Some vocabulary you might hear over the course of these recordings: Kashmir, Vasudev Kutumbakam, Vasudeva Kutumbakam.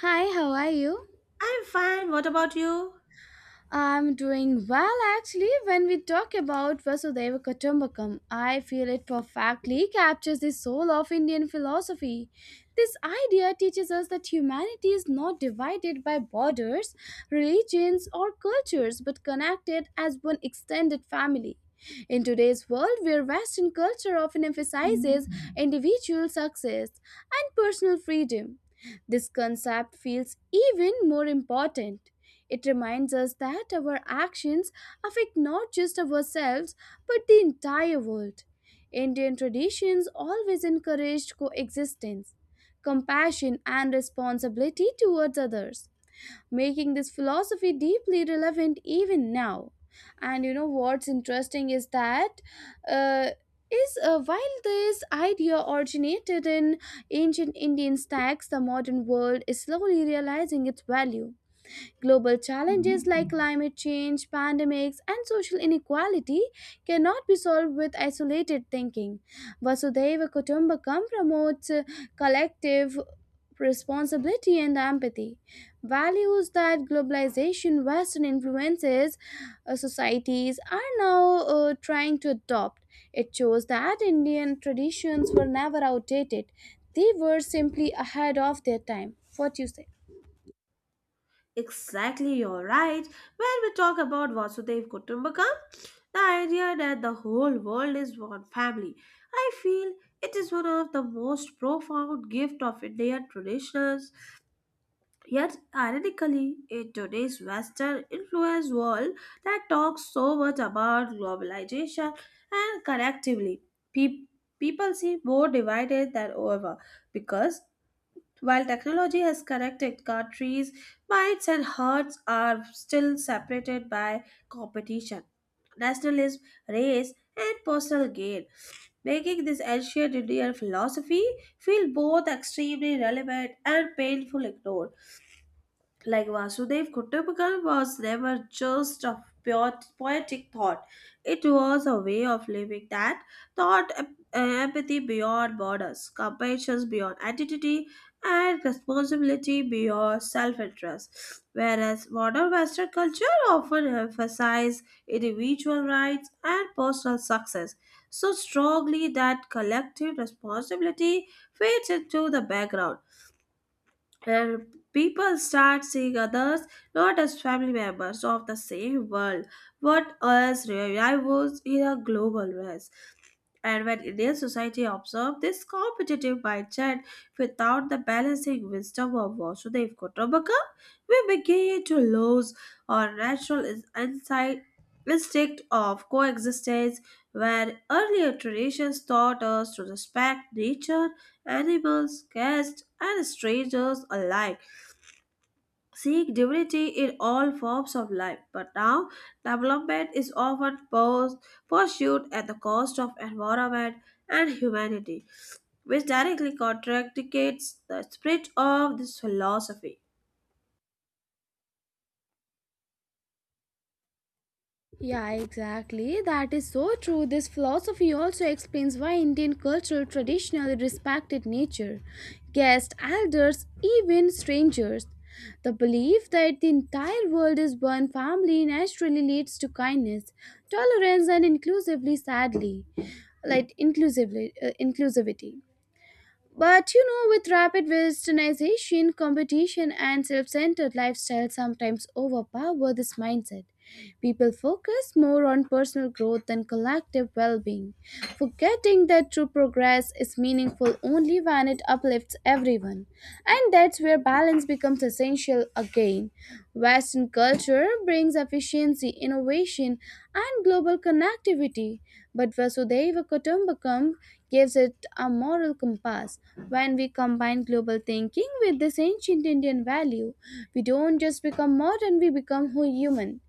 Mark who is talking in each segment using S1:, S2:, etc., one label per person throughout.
S1: Hi, how are you?
S2: I'm fine. What about you?
S1: I'm doing well actually. When we talk about Vasudeva Kutumbakam, I feel it perfectly captures the soul of Indian philosophy. This idea teaches us that humanity is not divided by borders, religions, or cultures but connected as one extended family. In today's world, where Western culture often emphasizes individual success and personal freedom, this concept feels even more important. It reminds us that our actions affect not just ourselves but the entire world. Indian traditions always encouraged coexistence, compassion, and responsibility towards others, making this philosophy deeply relevant even now. And you know what's interesting is that uh, is while this idea originated in ancient Indian stacks, the modern world is slowly realizing its value. Global challenges like climate change, pandemics, and social inequality cannot be solved with isolated thinking. Vasudeva Kutumbakam promotes collective responsibility and empathy, values that globalization, western influences, societies are now trying to adopt. It shows that Indian traditions were never outdated, they were simply ahead of their time. What do you say?
S2: Exactly, you're right. When we talk about Vasudev Kutumbakam, the idea that the whole world is one family, I feel it is one of the most profound gift of Indian traditions. Yet, ironically, in today's Western influenced world that talks so much about globalization and connectively, pe- people seem more divided than ever, because while technology has connected countries, minds and hearts are still separated by competition, nationalism, race, and personal gain, making this ancient Indian philosophy feel both extremely relevant and painful ignored, like Vasudev Kutumbakam was never just a pure poetic thought. It was a way of living that taught empathy beyond borders, compassion beyond identity, and responsibility beyond self-interest. Whereas modern Western culture often emphasizes individual rights and personal success so strongly that collective responsibility fades into the background, and people start seeing others not as family members of the same world but as rivals in a global race. And when Indian society observes this competitive mindset without the balancing wisdom of Vasudev Kutumbakam, we begin to lose our insight, instinct of coexistence, where earlier traditions taught us to respect nature, animals, guests and strangers alike, seek dignity in all forms of life, but now development is often pursued at the cost of environment and humanity, which directly contradicts the spirit of this philosophy.
S1: Yeah, exactly. That is so true. This philosophy also explains why Indian culture traditionally respected nature, guests, elders, even strangers. The belief that the entire world is one family naturally leads to kindness, tolerance, and inclusively, sadly, like inclusivity. But you know, with rapid westernization, competition and self centered lifestyles sometimes overpower this mindset. People focus more on personal growth than collective well being. Forgetting that true progress is meaningful only when it uplifts everyone. And that's where balance becomes essential again. Western culture brings efficiency, innovation, and global connectivity, but Vasudeva Kutumbakam gives it a moral compass. When we combine global thinking with this ancient Indian value, we don't just become modern, we become human.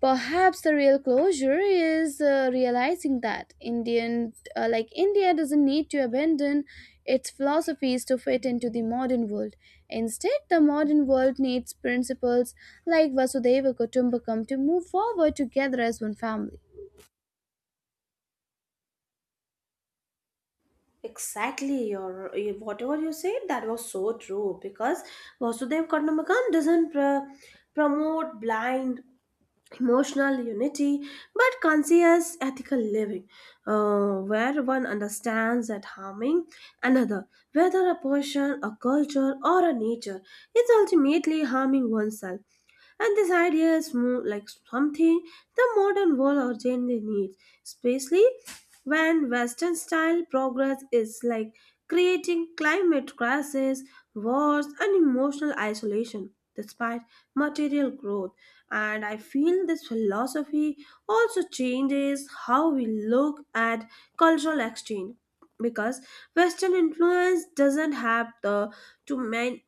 S1: Perhaps the real closure is realizing that India doesn't need to abandon its philosophies to fit into the modern world. Instead, the modern world needs principles like Vasudeva Kutumbakam to move forward together as one family.
S2: Exactly, your whatever you said that was so true, because Vasudev Karnamakan doesn't promote blind emotional unity but conscious ethical living, where one understands that harming another, whether a person, a culture or a nature, is ultimately harming oneself, and this idea is more like something the modern world urgently needs, especially when Western style progress is like creating climate crisis, wars, and emotional isolation despite material growth. And I feel this philosophy also changes how we look at cultural exchange, because Western influence doesn't have the to man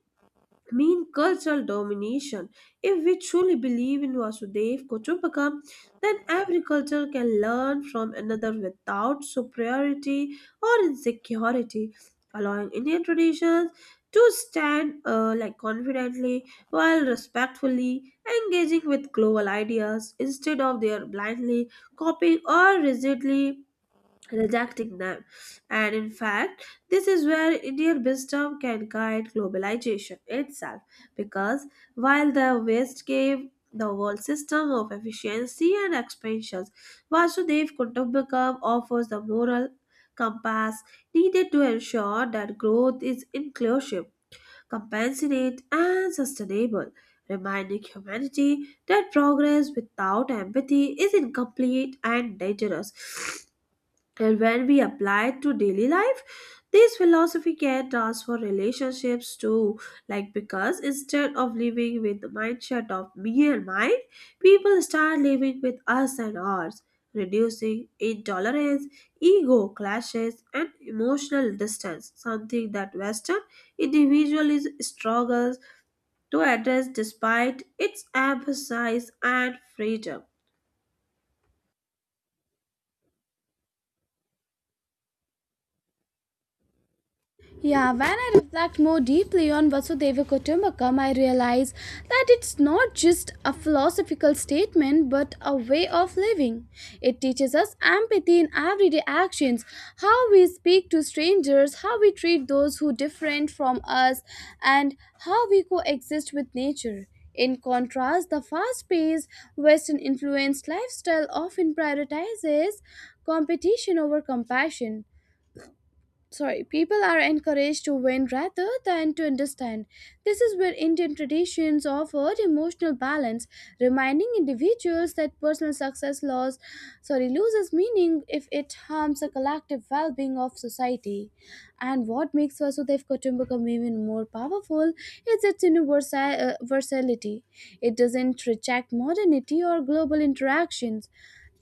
S2: mean cultural domination. If we truly believe in Vasudev Kutumbakam, then every culture can learn from another without superiority or insecurity, allowing Indian traditions to stand like confidently while respectfully engaging with global ideas instead of their blindly copying or rigidly rejecting them. And in fact, this is where Indian wisdom can guide globalization itself, because while the West gave the world system of efficiency and expansions, Vasudev Kutumbakam offers the moral compass needed to ensure that growth is inclusive, compassionate, and sustainable. Reminding humanity that progress without empathy is incomplete and dangerous. And when we apply it to daily life, this philosophy can transform relationships too. Like because instead of living with the mindset of me and mine, people start living with us and ours, reducing intolerance, ego clashes, and emotional distance, something that Western individualism struggles to address despite its emphasis and freedom.
S1: Yeah, when I reflect more deeply on Vasudeva Kutumbakam, I realize that it's not just a philosophical statement but a way of living. It teaches us empathy in everyday actions, how we speak to strangers, how we treat those who different from us, and how we coexist with nature. In contrast, the fast paced, Western influenced lifestyle often prioritizes competition over compassion. Sorry, people are encouraged to win rather than to understand. This is where Indian traditions offered emotional balance, reminding individuals that personal success loss, sorry, loses meaning if it harms the collective well-being of society. And what makes Vasudev Kutumbakam even more powerful is its versatility. It doesn't reject modernity or global interactions.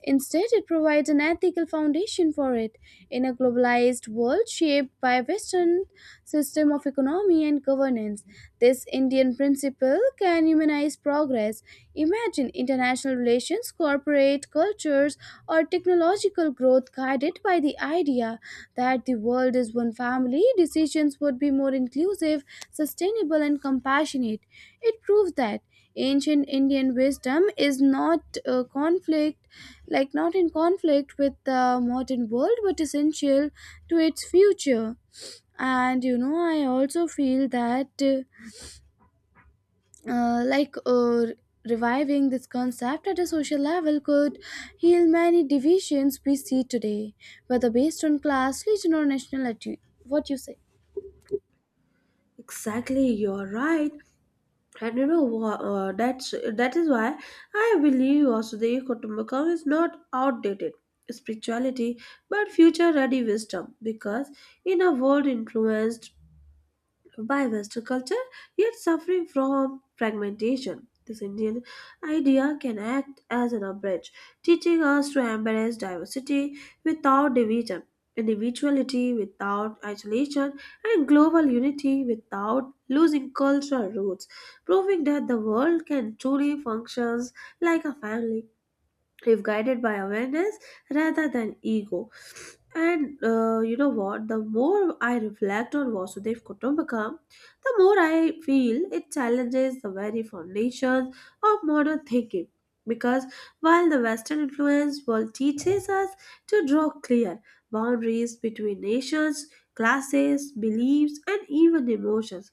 S1: Instead, it provides an ethical foundation for it. In a globalized world shaped by a Western system of economy and governance, this Indian principle can humanize progress. Imagine international relations, corporate cultures, or technological growth guided by the idea that the world is one family, decisions would be more inclusive, sustainable, and compassionate. It proves that ancient Indian wisdom is not a conflict, like not in conflict with the modern world but essential to its future. And you know, I also feel that, uh, like uh, reviving this concept at a social level could heal many divisions we see today, whether based on class, region or nationality. What you say?
S2: Exactly, you're right. And you know what? That is why I believe Vasudeva Kutumbakam is not outdated spirituality, but future-ready wisdom. Because in a world influenced by Western culture, yet suffering from fragmentation, this Indian idea can act as an umbrage, teaching us to embrace diversity without division, individuality without isolation, and global unity without losing cultural roots, proving that the world can truly function like a family if guided by awareness rather than ego. And you know what? The more I reflect on Vasudev Kutumbakam, the more I feel it challenges the very foundations of modern thinking. Because while the Western influence world teaches us to draw clear boundaries between nations, classes, beliefs, and even emotions,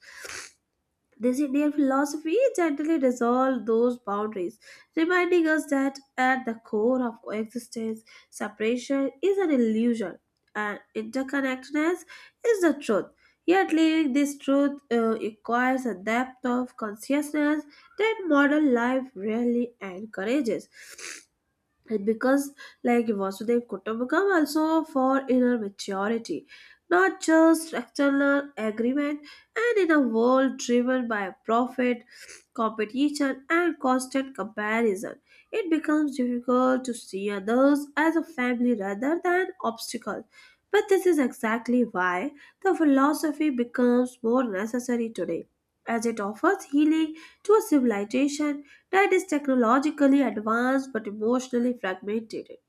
S2: this Indian philosophy gently dissolved those boundaries, reminding us that at the core of coexistence, separation is an illusion and interconnectedness is the truth. Yet, living this truth requires a depth of consciousness that modern life rarely encourages. And because like Vasudev Kutumbakam also for inner maturity, not just external agreement, and in a world driven by profit, competition, and constant comparison, it becomes difficult to see others as a family rather than obstacles. But this is exactly why the philosophy becomes more necessary today, as it offers healing to a civilization that is technologically advanced but emotionally fragmented.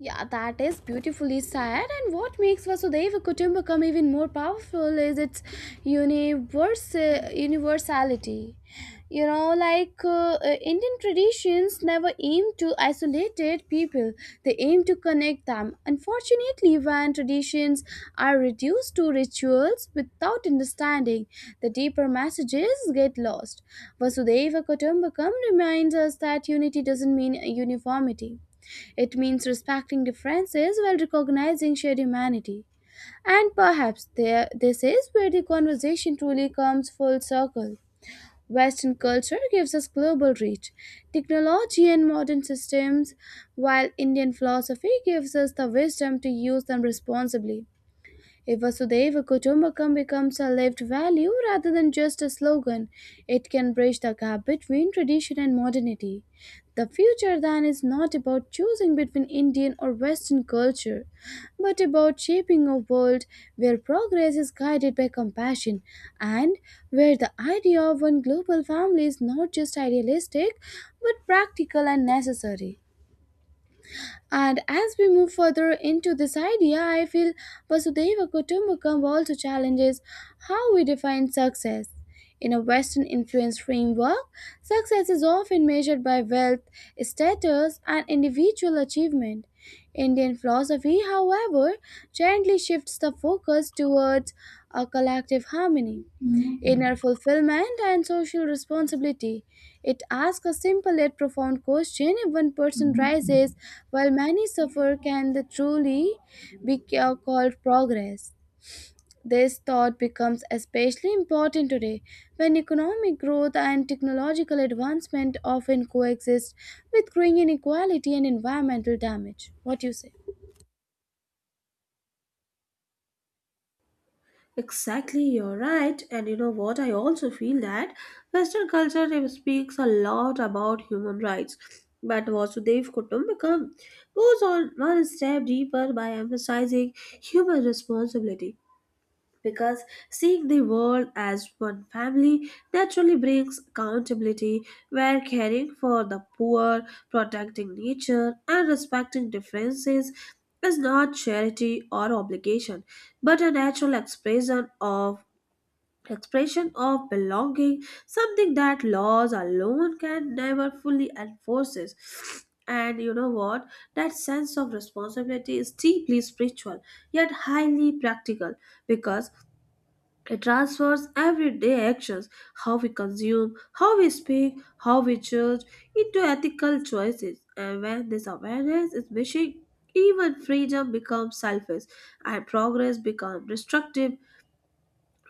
S1: Yeah, that is beautifully said. And what makes Vasudeva Kutumbakam even more powerful is its universe, universality. You know, Indian traditions never aim to isolate people, they aim to connect them. Unfortunately, when traditions are reduced to rituals without understanding, the deeper messages get lost. Vasudeva Kutumbakam reminds us that unity doesn't mean uniformity, it means respecting differences while recognizing shared humanity. And perhaps there, this is where the conversation truly comes full circle. Western culture gives us global reach, technology, and modern systems, while Indian philosophy gives us the wisdom to use them responsibly. If Vasudeva Kutumbakam becomes a lived value rather than just a slogan, it can bridge the gap between tradition and modernity. The future then is not about choosing between Indian or Western culture, but about shaping a world where progress is guided by compassion, and where the idea of one global family is not just idealistic but practical and necessary. And as we move further into this idea, I feel Vasudeva Kutumbakam also challenges how we define success. In a Western influence framework, success is often measured by wealth, status, and individual achievement. Indian philosophy, however, gently shifts the focus towards a collective harmony. Inner fulfillment and social responsibility. It asks a simple yet profound question: if one person rises while many suffer, can that truly be called progress? This thought becomes especially important today, when economic growth and technological advancement often coexist with growing inequality and environmental damage. What do you say?
S2: Exactly, you're right. And you know what? I also feel that Western culture it speaks a lot about human rights. But Vasudev Kutumbakam goes on one step deeper by emphasizing human responsibility. Because seeing the world as one family naturally brings accountability, where caring for the poor, protecting nature, and respecting differences is not charity or obligation, but a natural expression of belonging, something that laws alone can never fully enforces. And you know what? That sense of responsibility is deeply spiritual yet highly practical, because it transforms everyday actions, how we consume, how we speak, how we judge, into ethical choices. And when this awareness is missing, even freedom becomes selfish and progress becomes destructive,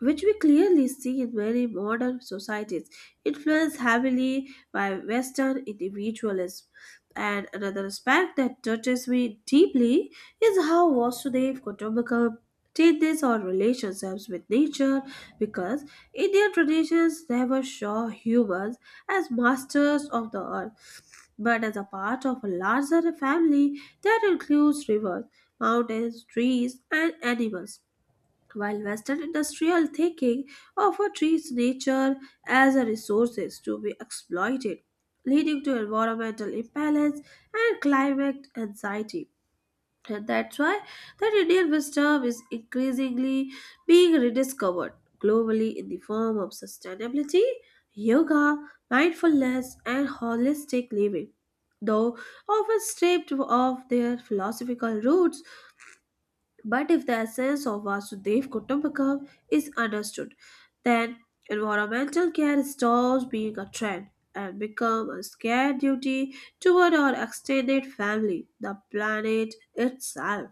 S2: which we clearly see in many modern societies, influenced heavily by Western individualism. And another aspect that touches me deeply is how Vasudev Kutumbakam did this or relationships with nature, because Indian traditions never saw humans as masters of the earth but as a part of a larger family that includes rivers, mountains, trees, and animals, while Western industrial thinking often treats nature as a resource to be exploited, leading to environmental imbalance and climate anxiety. And that's why that Indian wisdom is increasingly being rediscovered globally in the form of sustainability, yoga, mindfulness, and holistic living. Though often stripped of their philosophical roots, but if the essence of Vasudev Kutumbakam is understood, then environmental care stops being a trend and becomes a scared duty toward our extended family, the planet itself.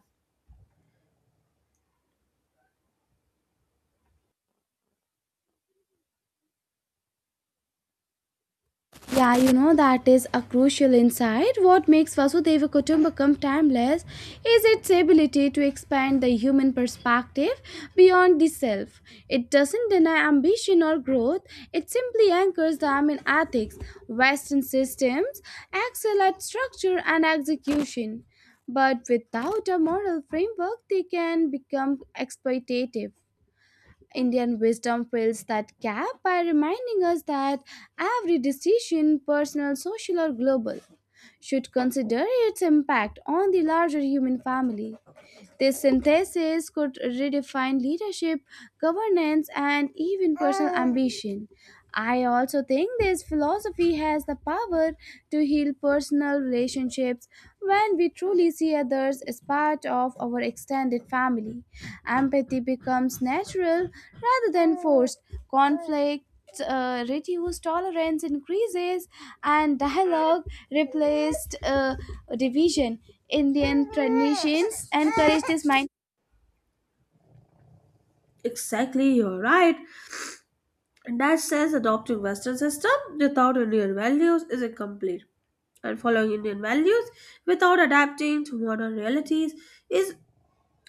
S1: Yeah, you know that is a crucial insight. What makes Vasudeva Kutumbakam timeless is its ability to expand the human perspective beyond the self. It doesn't deny ambition or growth, it simply anchors them in ethics. Western systems excel at structure and execution, but without a moral framework, they can become exploitative. Indian wisdom fills that gap by reminding us that every decision, personal, social, or global, should consider its impact on the larger human family. This synthesis could redefine leadership, governance, and even personal ambition. I also think this philosophy has the power to heal personal relationships when we truly see others as part of our extended family. Empathy becomes natural rather than forced. Conflict reduced, tolerance increases, and dialogue replaced division. Indian traditions encourage this mind.
S2: Exactly, you're right. And that says adopting Western system without Indian values is incomplete and following Indian values without adapting to modern realities is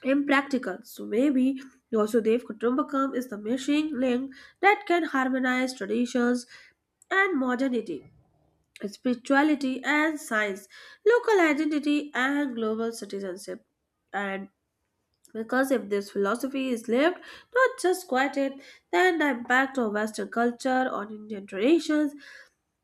S2: impractical. So maybe Vasudev Kutumbakam is the missing link that can harmonize traditions and modernity, spirituality and science, local identity and global citizenship. And because if this philosophy is lived, not just quieted, then the impact of Western culture on Indian traditions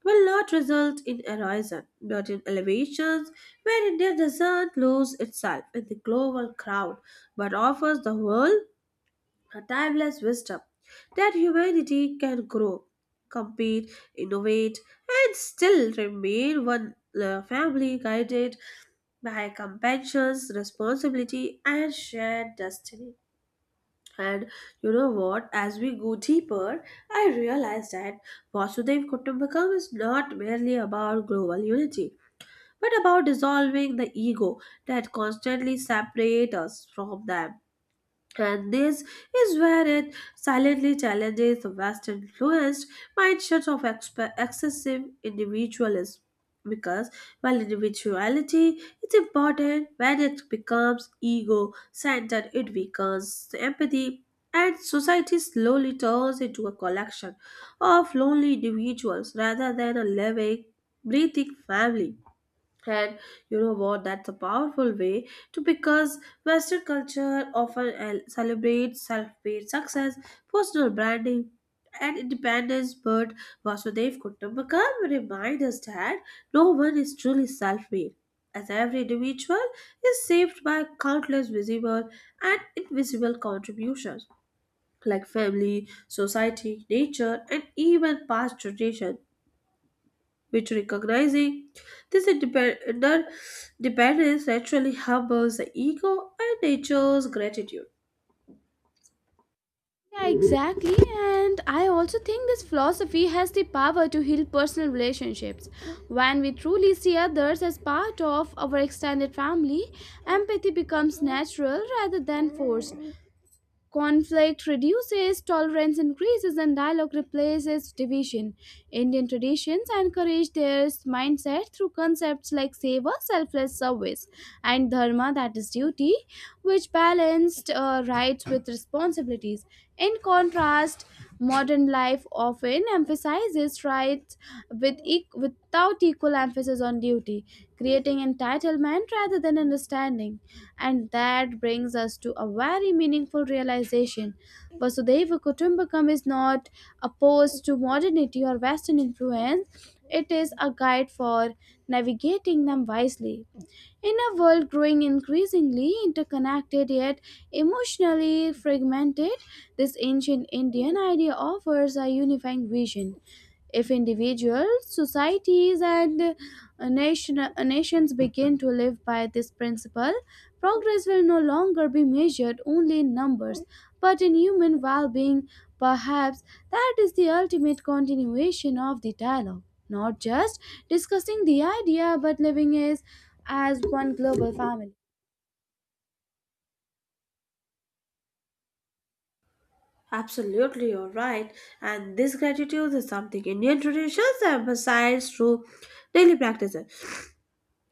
S2: will not result in erosion, but in elevations, where India doesn't lose itself in the global crowd but offers the world a timeless wisdom that humanity can grow, compete, innovate, and still remain one family guided by compassion, responsibility, and shared destiny. And you know what? As we go deeper, I realize that Vasudev Kutumbakam is not merely about global unity, but about dissolving the ego that constantly separates us from them. And this is where it silently challenges the Western influenced mindset of excessive individualism. Because while individuality is important, when it becomes ego centered, it weakens the empathy, and society slowly turns into a collection of lonely individuals rather than a living, breathing family. And you know what? That's a powerful way to because Western culture often celebrates self-made success, personal branding, and independence. But Vasudev Kutumbakam reminds us that no one is truly self-made, as every individual is shaped by countless visible and invisible contributions like family, society, nature, and even past generations, which recognizing this interdependence naturally humbles the ego and nature's gratitude.
S1: Yeah, exactly. And I also think this philosophy has the power to heal personal relationships. When we truly see others as part of our extended family, empathy becomes natural rather than forced. Conflict reduces, tolerance increases, and dialogue replaces division. Indian traditions encourage their mindset through concepts like seva, selfless service, and dharma, that is duty, which balanced rights with responsibilities. In contrast, modern life often emphasizes rights with without equal emphasis on duty, creating entitlement rather than understanding. And that brings us to a very meaningful realization. Vasudeva Kutumbakam is not opposed to modernity or Western influence, it is a guide for navigating them wisely. In a world growing increasingly interconnected yet emotionally fragmented, this ancient Indian idea offers a unifying vision. If individuals, societies, and nations begin to live by this principle, progress will no longer be measured only in numbers, but in human well being. Perhaps that is the ultimate continuation of the dialogue, not just discussing the idea, but as one global family.
S2: Absolutely, you're right. And this gratitude is something Indian traditions emphasize through daily practices.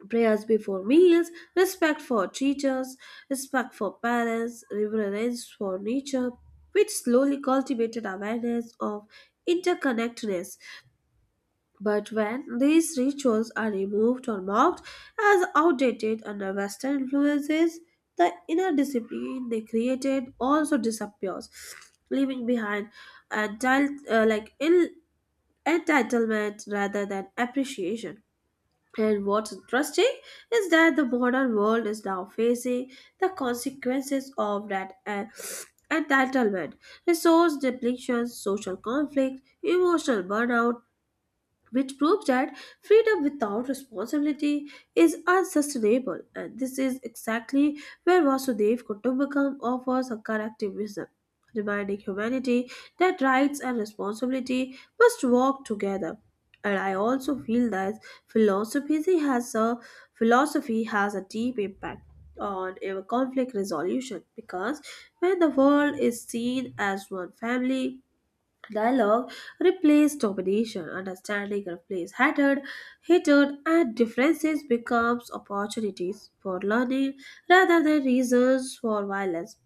S2: Prayers before meals, respect for teachers, respect for parents, reverence for nature, which slowly cultivated awareness of interconnectedness. But when these rituals are removed or mocked as outdated under Western influences, the inner discipline they created also disappears, leaving behind entitled, like ill entitlement rather than appreciation. And what's interesting is that the modern world is now facing the consequences of that entitlement, resource depletion, social conflict, emotional burnout, which proves that freedom without responsibility is unsustainable. And this is exactly where Vasudev Kutumbakam offers a corrective wisdom, reminding humanity that rights and responsibility must walk together. And I also feel that philosophy has a philosophy has a deep impact on our conflict resolution, because when the world is seen as one family, dialogue replaced domination, understanding replaced hatred, and differences becomes opportunities for learning rather than reasons for violence.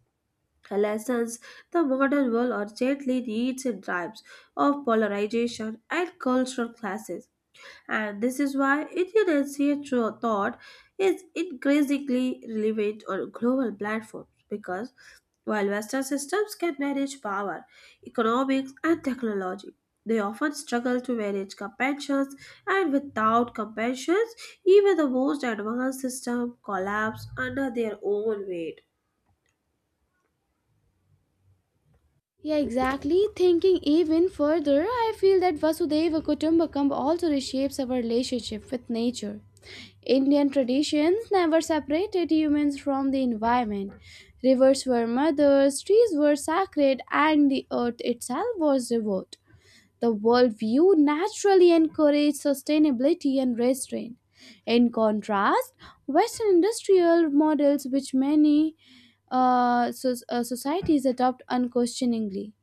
S2: The lessons the modern world urgently needs in times of polarization and cultural clashes. And this is why Indian through thought is increasingly relevant on global platforms, because while Western systems can manage power, economics, and technology, they often struggle to manage compassions, and without compassions, even the most advanced system collapse under their own weight.
S1: Yeah, exactly. Thinking even further, I feel that Vasudeva Kutumbakam also reshapes our relationship with nature. Indian traditions never separated humans from the environment. Rivers were mothers, trees were sacred, and the earth itself was devout. The worldview naturally encouraged sustainability and restraint. In contrast, Western industrial models, which many societies adopt unquestioningly,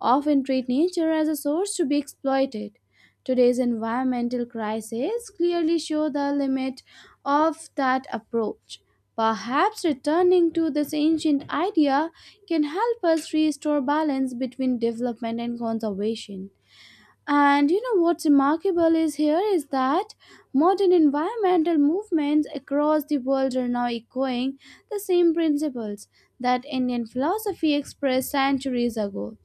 S1: often treat nature as a source to be exploited. Today's environmental crises clearly show the limit of that approach. Perhaps returning to this ancient idea can help us restore balance between development and conservation. And you know what's remarkable is here is that modern environmental movements across the world are now echoing the same principles that Indian philosophy expressed centuries ago.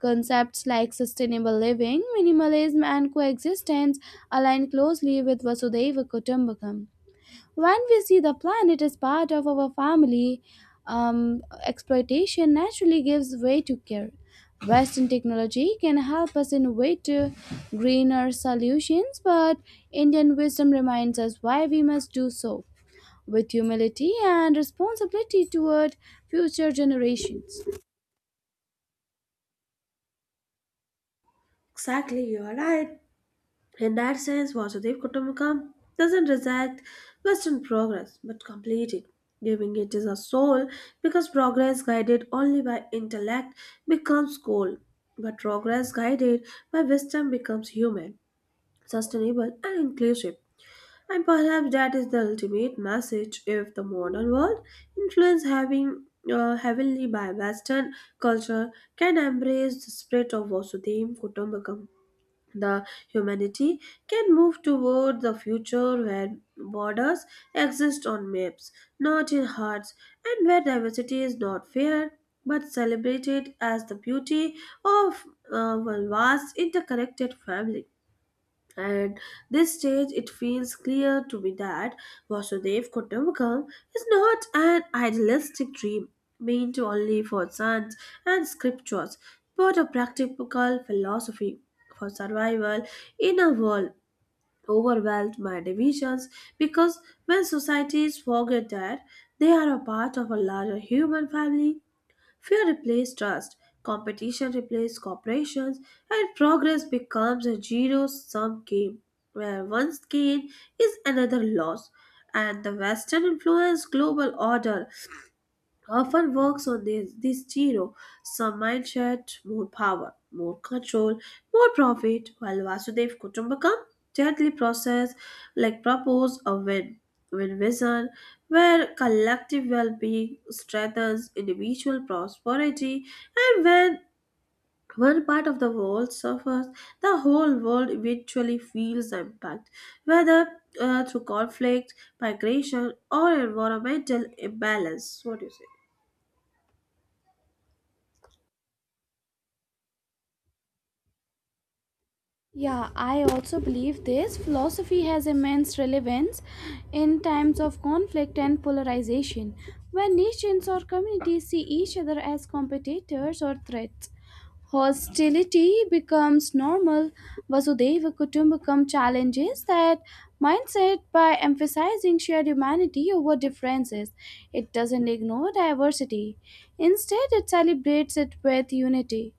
S1: Concepts like sustainable living, minimalism, and coexistence align closely with Vasudeva Kutumbakam. When we see the planet as part of our family, exploitation naturally gives way to care. Western technology can help us innovate to greener solutions, but Indian wisdom reminds us why we must do so with humility and responsibility toward future generations.
S2: Exactly, you are right. In that sense, Vasudev Kutumbakam doesn't reject Western progress but complete it, giving it a soul, because progress guided only by intellect becomes cold, but progress guided by wisdom becomes human, sustainable, and inclusive. And perhaps that is the ultimate message of the modern world, influenced having heavily by Western culture, can embrace the spirit of Vasudeva Kutumbakam the humanity can move toward the future where borders exist on maps, not in hearts, and where diversity is not feared but celebrated as the beauty of one vast interconnected family. At this stage, it feels clear to me that Vasudev Kutumbakam is not an idealistic dream meant only for saints and scriptures, but a practical philosophy for survival in a world overwhelmed by divisions. Because when societies forget that they are a part of a larger human family, fear replaced trust, competition replaced corporations, and progress becomes a zero sum game where one's gain is another loss. And the Western influenced global order often works on this zero sum mindset, more power, more control, more profit, while Vasudev Kutumbakam gently process like propose a win win vision where collective well-being strengthens individual prosperity, and when one part of the world suffers the whole world eventually feels the impact, whether through conflict, migration, or environmental imbalance. What do you say?
S1: Yeah, I also believe this. Philosophy has immense relevance in times of conflict and polarization, when nations or communities see each other as competitors or threats. Hostility becomes normal. Vasudeva Kutumbakam challenges that mindset by emphasizing shared humanity over differences. It doesn't ignore diversity, instead, it celebrates it with unity.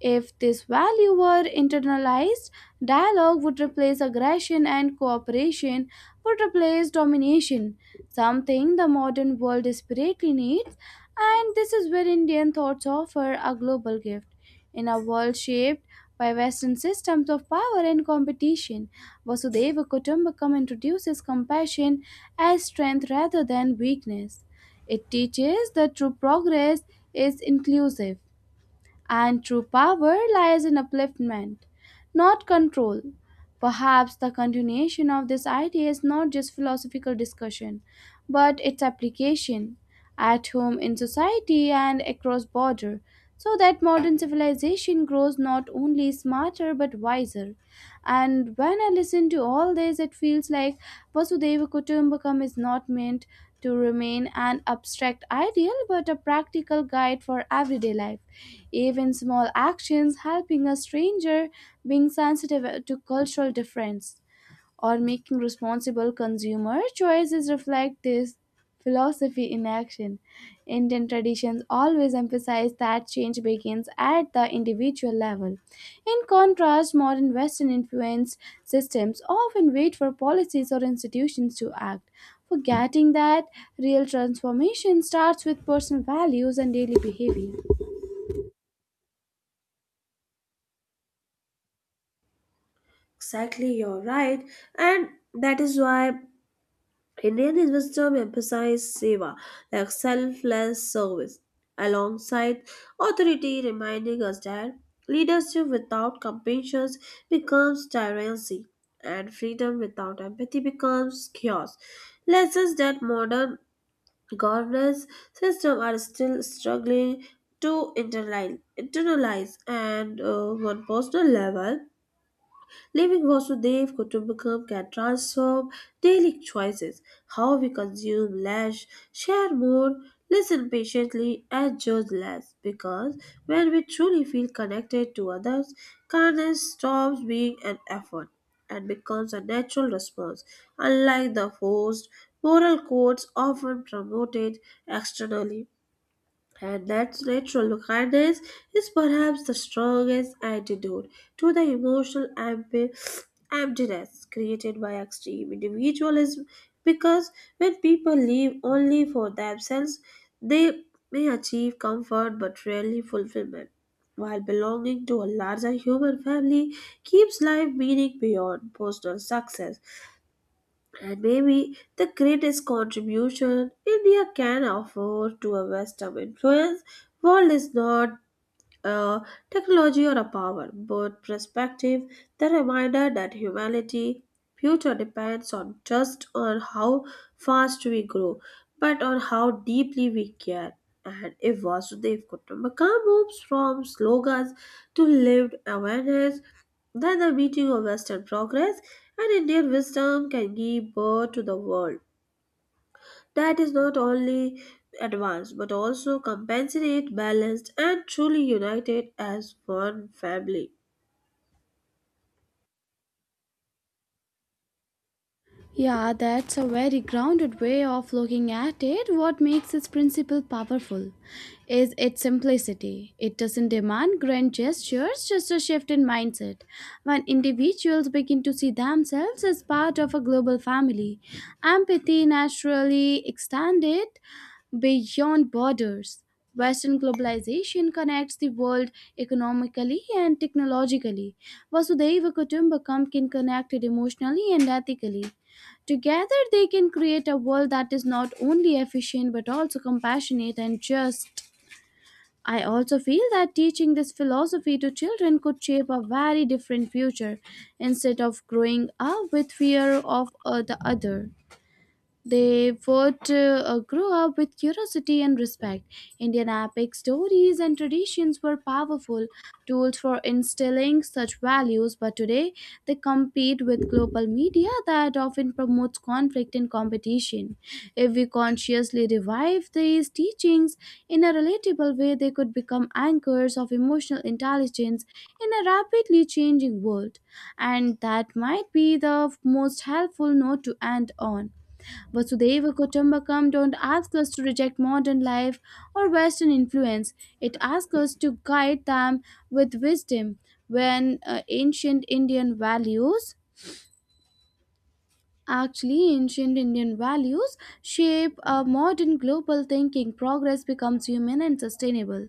S1: If this value were internalized, dialogue would replace aggression and cooperation would replace domination, something the modern world desperately needs. And this is where Indian thoughts offer a global gift. In a world shaped by Western systems of power and competition, Vasudeva Kutumbakam introduces compassion as strength rather than weakness. It teaches that true progress is inclusive and true power lies in upliftment, not control. Perhaps the continuation of this idea is not just philosophical discussion, but its application at home, in society, and across border, so that modern civilization grows not only smarter but wiser. And when I listen to all this, it feels like Vasudeva Kutumbakam is not meant to remain an abstract ideal but a practical guide for everyday life. Even small actions, helping a stranger, being sensitive to cultural difference or making responsible consumer choices reflect this philosophy in action. Indian traditions always emphasize that change begins at the individual level. In contrast, modern Western influenced systems often wait for policies or institutions to act, forgetting that real transformation starts with personal values and daily behavior.
S2: Exactly, you're right. And that is why Indian wisdom emphasizes seva, like selfless service, alongside authority, reminding us that leadership without compassion becomes tyranny, and freedom without empathy becomes chaos. Lessons that modern governance systems are still struggling to internalize and on personal level, leaving Vasudev Kutumbakam can transform daily choices, how we consume less, share more, listen patiently, and judge less. Because when we truly feel connected to others, kindness stops being an effort and becomes a natural response, unlike the forced moral codes often promoted externally. And that natural kindness is perhaps the strongest antidote to the emotional emptiness created by extreme individualism, because when people live only for themselves, they may achieve comfort but rarely fulfillment. While belonging to a larger human family keeps life meaning beyond personal success, and maybe the greatest contribution India can offer to a Western influence world is not a technology or a power, but perspective, the reminder that humanity future depends on just on how fast we grow, but on how deeply we care. And if Vasudev Kutumbakam moves from slogans to lived awareness, then the meeting of Western progress and Indian wisdom can give birth to the world that is not only advanced but also compassionate, balanced, and truly united as one family.
S1: Yeah, that's a very grounded way of looking at it. What makes its principle powerful is its simplicity. It doesn't demand grand gestures, just a shift in mindset. When individuals begin to see themselves as part of a global family, empathy naturally extended beyond borders. Western globalization connects the world economically and technologically. Vasudeva Kutumbakam can connect it emotionally and ethically. Together, they can create a world that is not only efficient but also compassionate and just. I also feel that teaching this philosophy to children could shape a very different future, instead of growing up with fear of the other. They would grow up with curiosity and respect. Indian epic stories and traditions were powerful tools for instilling such values, but today they compete with global media that often promotes conflict and competition. If we consciously revive these teachings in a relatable way, they could become anchors of emotional intelligence in a rapidly changing world. And that might be the most helpful note to end on. Vasudeva Kutumbakam don't ask us to reject modern life or Western influence. It asks us to guide them with wisdom. When ancient Indian values Actually, ancient Indian values shape a modern global thinking. Progress becomes human and sustainable.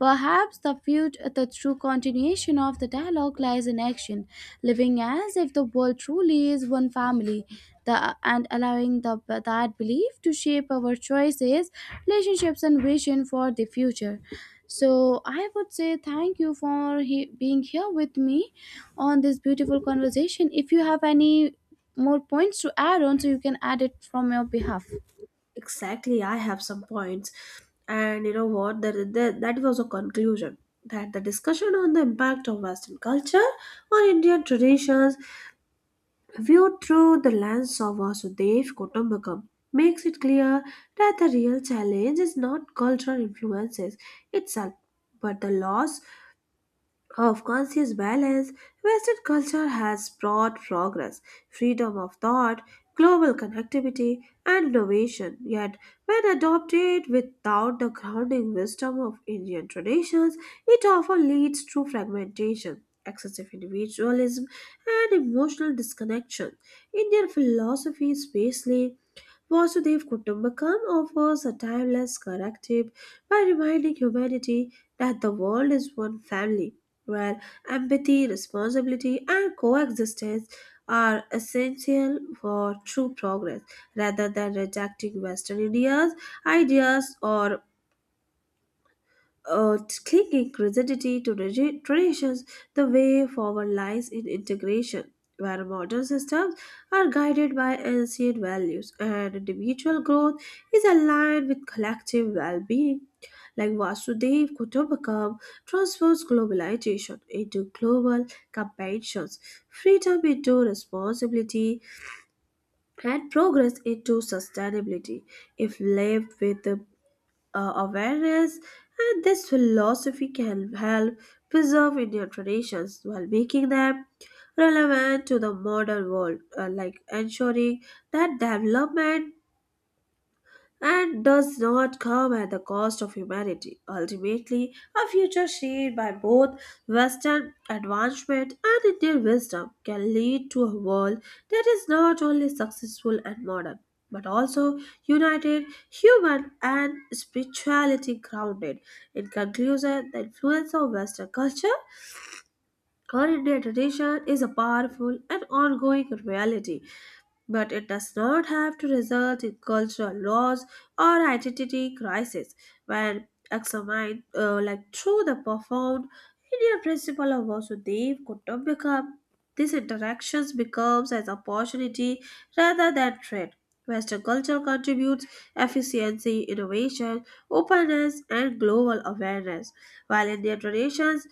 S1: Perhaps the the true continuation of the dialogue lies in action, living as if the world truly is one family, and allowing that belief to shape our choices, relationships, and vision for the future. So, I would say thank you for being here with me on this beautiful conversation. If you have any more points to add on, so you can add it from your behalf.
S2: Exactly, I have some points, and you know what? That was a conclusion that the discussion on the impact of Western culture on Indian traditions, viewed through the lens of Vasudev Kutumbakam, makes it clear that the real challenge is not cultural influences itself, but the loss of conscious balance. Western culture has brought progress, freedom of thought, global connectivity, and innovation. Yet, when adopted without the grounding wisdom of Indian traditions, it often leads to fragmentation, excessive individualism, and emotional disconnection. Indian philosophy is basically Vasudev Kutumbakam offers a timeless corrective by reminding humanity that the world is one family, where empathy, responsibility, and coexistence are essential for true progress. Rather than rejecting Western India's ideas or uh, clinging rigidity to traditions, the way forward lies in integration, where modern systems are guided by ancient values and individual growth is aligned with collective well being. Like Vasudev Kutumbakam transforms globalization into global competitions, freedom into responsibility, and progress into sustainability if lived with awareness, and this philosophy can help preserve Indian traditions while making them relevant to the modern world, like ensuring that development and does not come at the cost of humanity. Ultimately, a future shaped by both Western advancement and Indian wisdom can lead to a world that is not only successful and modern, but also united, human, and spirituality grounded. In conclusion, the influence of Western culture on Indian tradition is a powerful and ongoing reality, but it does not have to result in cultural loss or identity crisis when examined like through the profound Indian principle of Vasudev Kutumbakam. These interactions becomes as opportunity rather than threat. Western culture contributes efficiency, innovation, openness, and global awareness, while Indian traditions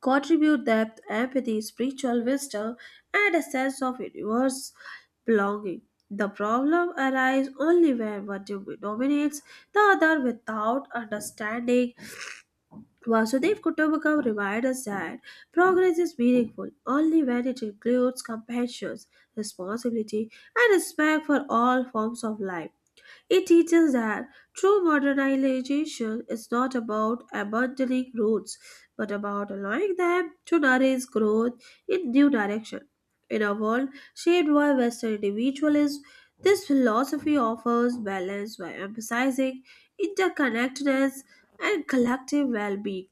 S2: contribute depth, empathy, spiritual wisdom, and a sense of universe belonging. The problem arises only when one dominates the other without understanding. Vasudev Kutumbakam reminds us that progress is meaningful only when it includes compassion, responsibility, and respect for all forms of life. It teaches that true modernization is not about abandoning roots, but about allowing them to nourish growth in new direction. In a world shaped by Western individualism, this philosophy offers balance by emphasizing interconnectedness and collective well-being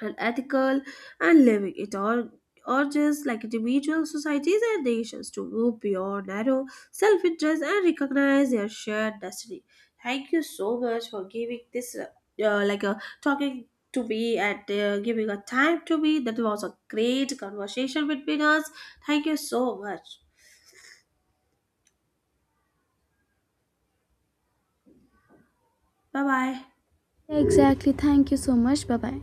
S2: and ethical and living. It all urges like individual societies and nations to move beyond narrow self-interest and recognize their shared destiny. Thank you so much for giving this, uh, like uh, talking to me and giving a time to me. That was a great conversation between us. Thank you so much. Bye bye.
S1: Yeah, exactly. Thank you so much. Bye bye.